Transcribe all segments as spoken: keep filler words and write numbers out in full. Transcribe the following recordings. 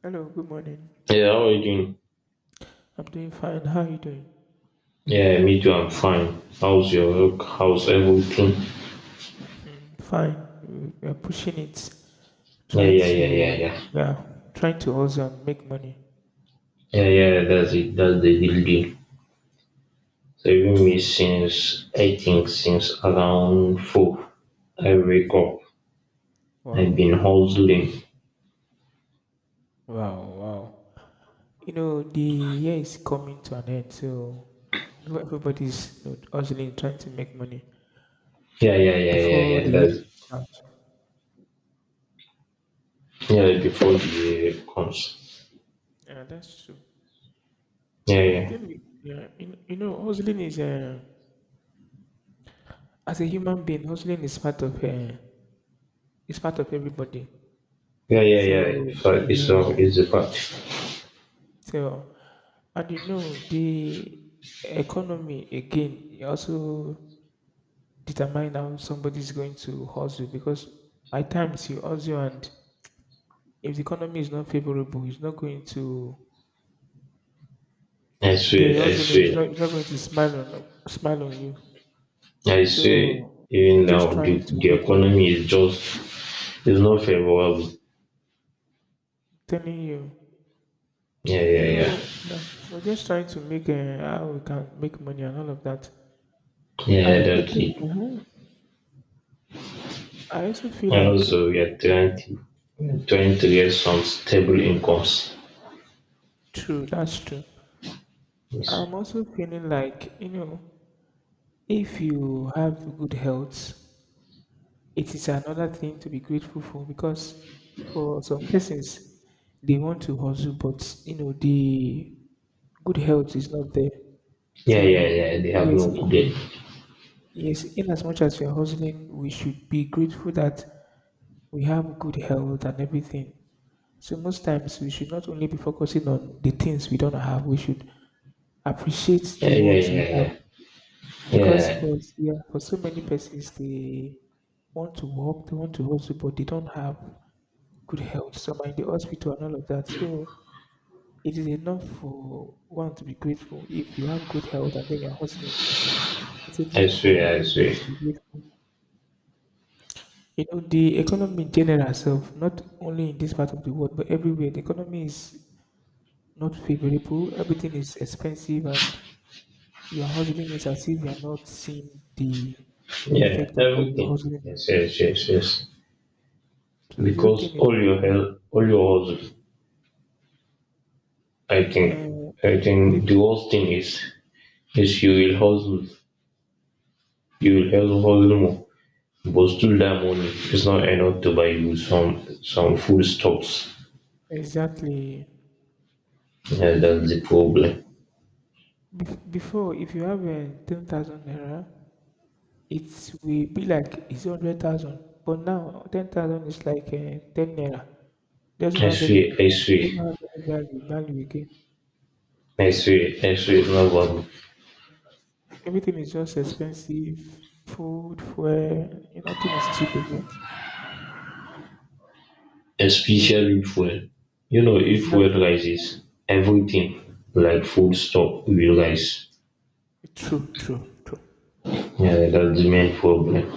Hello, good morning. Yeah, how are you doing? I'm doing fine. How are you doing? Yeah, me too. I'm fine. How's your work? How's everything? Mm, fine. We are pushing it, Yeah, trying yeah, yeah, yeah, to, yeah. yeah, trying to also make money. Yeah, yeah, that's it. That's the real deal. So even me since I think since around four, I wake up. I've been Wow, hustling. wow, wow. You know, the year is coming to an end, so everybody's you know, hustling, trying to make money Yeah, yeah, yeah, yeah, before the yeah. year That's is out. yeah before the comes. Yeah, that's true. Yeah, No, the yeah, thing is, yeah, you, you know, hustling is uh, as a human being, hustling is part of uh, is part of everybody. yeah, yeah, yeah. So So it's yeah. all it's the part. So, and, you know, the economy again it also determine how somebody's going to hustle, because at times you hustle and if the economy is not favorable, it's not going to I swear, the I hustling is swear, not, it's not going to smile on smile on you. I swear. So you're Even just now, the, trying to the make money, economy is just it's not favorable. telling you. Yeah, yeah, yeah. So yeah, we're just trying to make, uh, how we can make money and all of that. Yeah, And that again, it, uh I also feel and like also eh, we are trying to we are trying to get some stable incomes. True, that's true. Yes. I'm also feeling like, you know, if you have good health, it is another thing to be grateful for, because for some persons, they want to hustle, but you know, the good health is not there. Yeah, yeah, So yeah. They have yes, no good. i- i- Day. yes, in as much as we are hustling, we should be grateful that we have good health and everything. So most times we should not only be focusing on the things we don't have, we should appreciate Yeah, the yeah, ones we yeah, have. yeah. Because, Yeah, for yeah, for so many persons, they want to work, they want to hustle, but they don't have good health. Some are in the hospital and all of that, so it is enough for one to be grateful if you have good health and then you're hustling. It's I enough for swear, I everybody swear. to be grateful. you know the economy in general itself, not only in this part of the world but everywhere, the economy is not favorable. Everything is expensive, and your hustling is as if you're not seeing the Yeah, effect of what you're everything. hustling. Yes, yes, yes, yes. So the whole Because thing all your is, help, all your hustle. I think, uh, I this. think the worst thing is is you will hustle, you will hustle, hustle more. But still, that money is not enough to buy you some some food stocks. Exactly. So Yeah, the thing is, that's the problem. bef- before, if you have a ten thousand naira, it will be like it's hundred thousand. But now ten thousand is like, uh, ten naira. Doesn't have any, X-ray, X-ray, doesn't have any value value again. X-ray, X-ray is Everything not is just, body. everything is just expensive. Food, fuel, you nothing is cheap again. So, Especially if fuel. You know, if fuel exactly. rises, everything like food stuff will rise. True, true, true. Yeah, that's the main problem.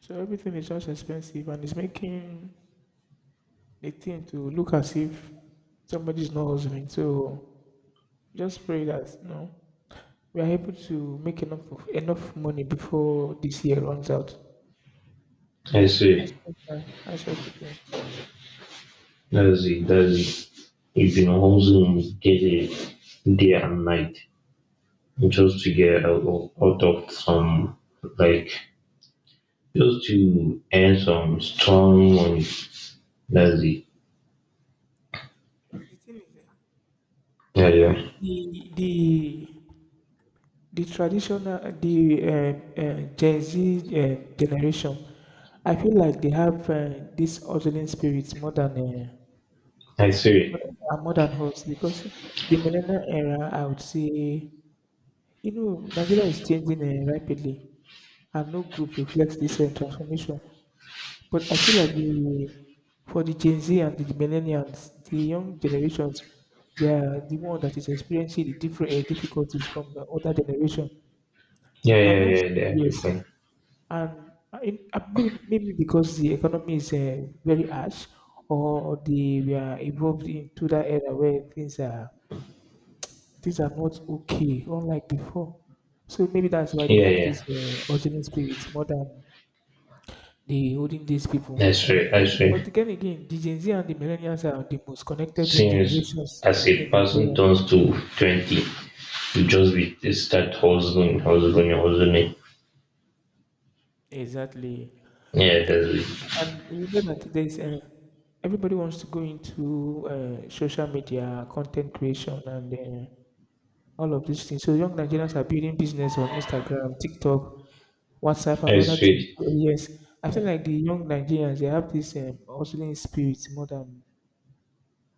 So everything is just expensive and it's making the thing to look as if somebody's not hustling. So just pray that you know we are able to make enough of, enough money before this year runs out. That's X-ray, just, uh, that's just the thing. that's it, that's it. You've been hustling day, day and night just to get out out of some like just to earn some strong money. That's it. The thing is that Yeah, yeah. the the the traditional, the uh, uh, Gen Z, uh, generation. I feel like they have, uh, this hustling spirit more than, uh, I more see. than, uh, more than hustling, because the millennial era, I would say. You know, Nigeria is changing, uh, rapidly, and no group reflects this, uh, transformation. But I feel like, the, for the Gen Z and the millennials, the young generations, they are the one that is experiencing the different, uh, difficulties from the other generation. Yeah, yeah, And also, yeah. They are yes, different. and, uh, in, uh, maybe, maybe because the economy is, uh, very harsh, or the we are evolved into that era where things are Things are not okay, unlike before. So maybe that's why they Yeah, have yeah. this, uh, urgent spirit more than the holding these people. I see, I see. But again, again, the Gen Z and the millennials are the most connected, uh, Since generations as in a person Nigeria. turns to twenty, you just be, they start hustling, hustling, hustling. Exactly. Yeah, that's it. And you know that there's, uh, everybody wants to go into, uh, social media, content creation, and, uh, all of these things. So young Nigerians are building business on Instagram, TikTok, WhatsApp, and I other things. see. So yes, I feel like the young Nigerians, they have this, um, hustling spirit more than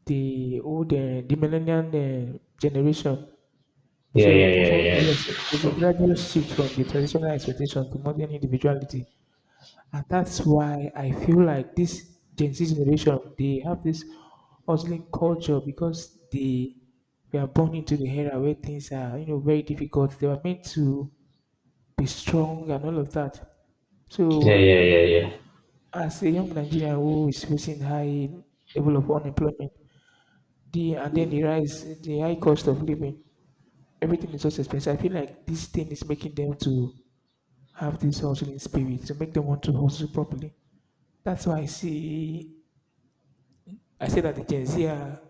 the old uh, the millennial, uh, generation. Yeah, yeah, So yeah, for me, yes, yeah. there's a gradual shift from the traditional expectation to modern individuality. And that's why I feel like this Gen Z generation, they have this hustling culture because they were born into the era where things are, you know, very difficult. They were meant to be strong and all of that. Yeah, yeah, So, yeah, yeah. as a young Nigerian who is facing high level of unemployment, the and then the rise, the high cost of living, everything is just expensive. I feel like this thing is making them to have this hustling spirit, to make them want to hustle properly. That's why I see I say that the Gen Z are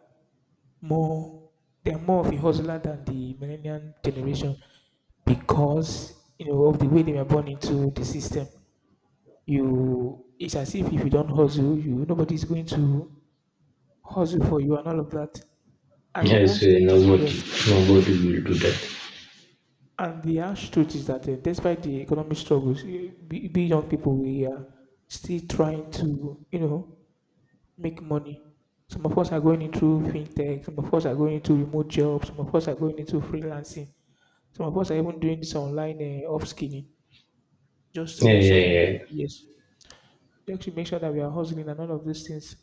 more, they are more of a hustler than the millennial generation, because you know of the way they were born into the system. You, it's as if if you don't hustle, you nobody's going to hustle for you and all of that. And Yeah, the I harsh see. truth is Nobody, yes, nobody will do that. and the harsh truth is that, uh, despite the economic struggles, eh, we, we young people, we are still trying to, you know make money. Some of us are going into fintech, some of us are going into remote jobs, some of us are going into freelancing, some of us are even doing this online, uh, upskilling, just to Yeah, make sure that we, yeah, yeah. yes, just to make sure that we are hustling and all of these things.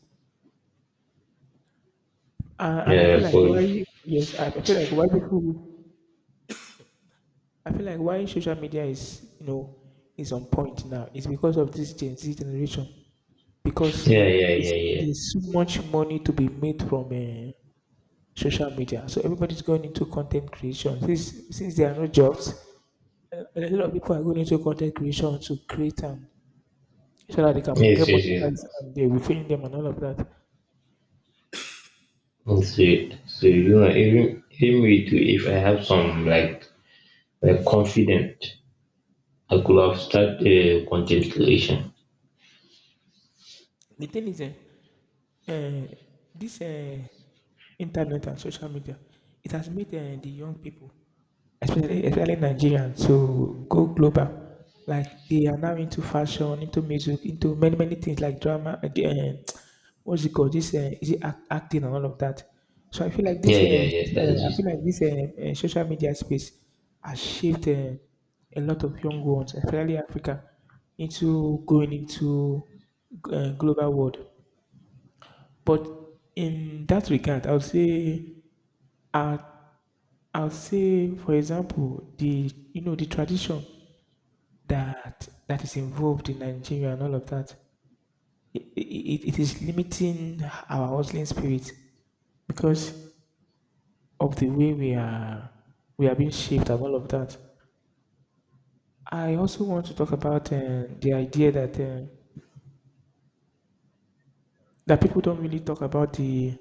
And, and I Yeah, feel like boy. why, yes, I I feel like why people I feel like why social media is you know is on point now, is because of this Gen Z generation, because you Yeah, know yeah, there's, yeah, yeah. there's so much money to be made from, uh, social media. So everybody's going into content creation. Since since there are no jobs, a a lot of people are going into content creation to create, um so that they can get Yes, yes, yes. monetized, and they will pay them and all of that. That's it. So, you know, even, even with, if I have some, like, like confident, I could have started uh, content creation. The thing is, eh, uh, this, uh, internet and social media, it has made, uh, the young people, especially especially Nigerians, to go global. Like, they are now into fashion, into music, into many many things like drama. Uh, the, uh, what's it called? This, uh, is it act, acting and all of that. So I feel like Yeah, this. yeah, Uh, yeah. uh, That's I it. feel like this, uh, uh, social media space has shaped, uh, a lot of young ones, especially Africa, into going into, uh, global world. But in that regard, I will say, I'll, I'll say, for example, the you know the tradition that that is involved in Nigeria and all of that. It, it, it is limiting our hustling spirit, because of the way we are we are being shaped and all of that. I also want to talk about, uh, the idea that, uh, that people don't really talk about, the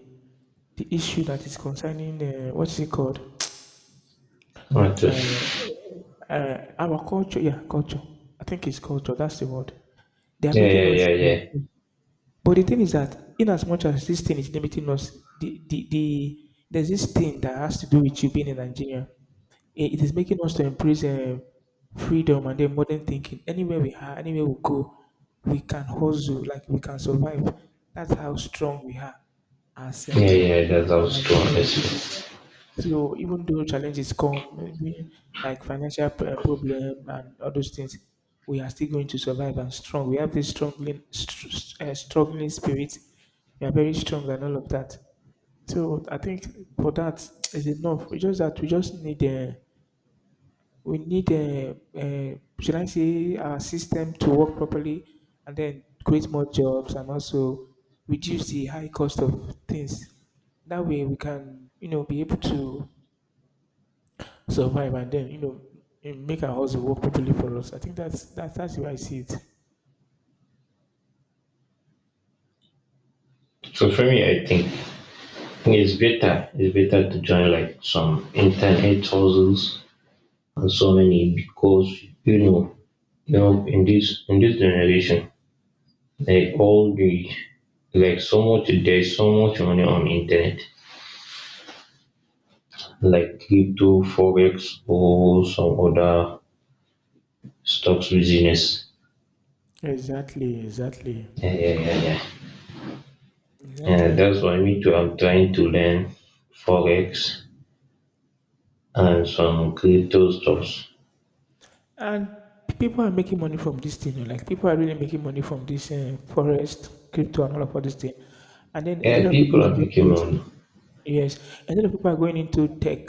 the issue that is concerning, uh, what's it called? Right. uh, Uh, uh, our culture, yeah, culture. I think it's culture. That's the word. They are Yeah, making yeah, us. yeah, to- yeah. But the thing is that, in as much as this thing is limiting us, the, the, the there's this thing that has to do with you being in Nigeria. It, it is making us to embrace, uh, freedom, and then modern thinking. Anywhere we are, anywhere we go, we can hustle, like we can survive. That's how strong we are, as, Yeah, yeah, uh, yeah, that, that was true. I Nigeria. see. So even though challenges come, maybe like financial, p- uh, problem and all those things, we are still going to survive and strong. We have this struggling, str- uh, struggling spirit. We are very strong and all of that. So I think for that is enough. We just that we just need, uh, we need, uh, uh, should I say our system to work properly, and then create more jobs and also reduce the high cost of things. That way we can, you know be able to survive, and then, you know eh, make our hustle work properly for us. I think that's that's that's, the I see it. So for me, I think it's better. It's better to join like some internet hustles and so many because you know, you know, in this in this generation, like all the like so much there's so much money on internet, like crypto, forex, or some other stocks business. Exactly, exactly, Yeah, yeah, yeah, yeah. And exactly. that's why me too, I'm trying to learn Forex and some crypto stuffs. And people are making money from this thing. you know, Like people are really making money from this, uh, forest, crypto, and all of all this thing. And then a Yeah, lot of people people is are going, making yes, money. yes. A lot of people are going into tech,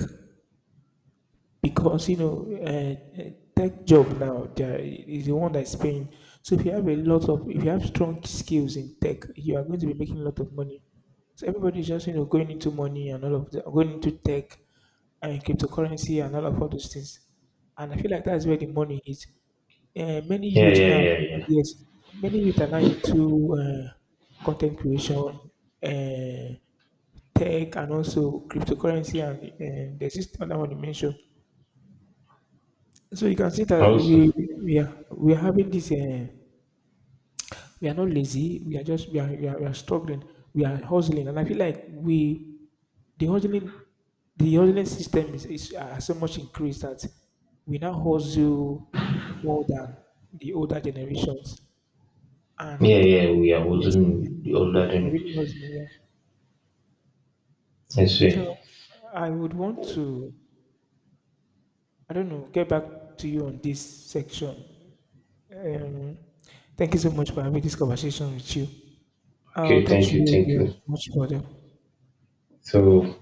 because you know, uh, uh, tech job now there is the one that's paying. So if you have a lot of if you have strong skills in tech, you are going to be making a lot of money. So everybody is just, you know going into money and all of the, going into tech and cryptocurrency and all of all those things. And I feel like that's where the money is, uh, many Yeah, youth yeah, now yeah, yeah. yes, many youth are now into, uh, content creation, uh, tech, and also cryptocurrency, and, uh, there's this other one you mentioned. So you can see that we Awesome. we are we are having this. Uh, we are not lazy. We are just we are, we are we are struggling. We are hustling, and I feel like we the hustling the hustling system is is, uh, so much increased that we now hustle more than the older generations. And Yeah, yeah, we are yes, yeah, wasn't the older we are than really hustling. Yeah. I see. So I would want to, I don't know, get back to you on this section. Um, thank you so much for having this conversation with you. Oh, Okay, thank thank you, you. thank Very you. much for better. So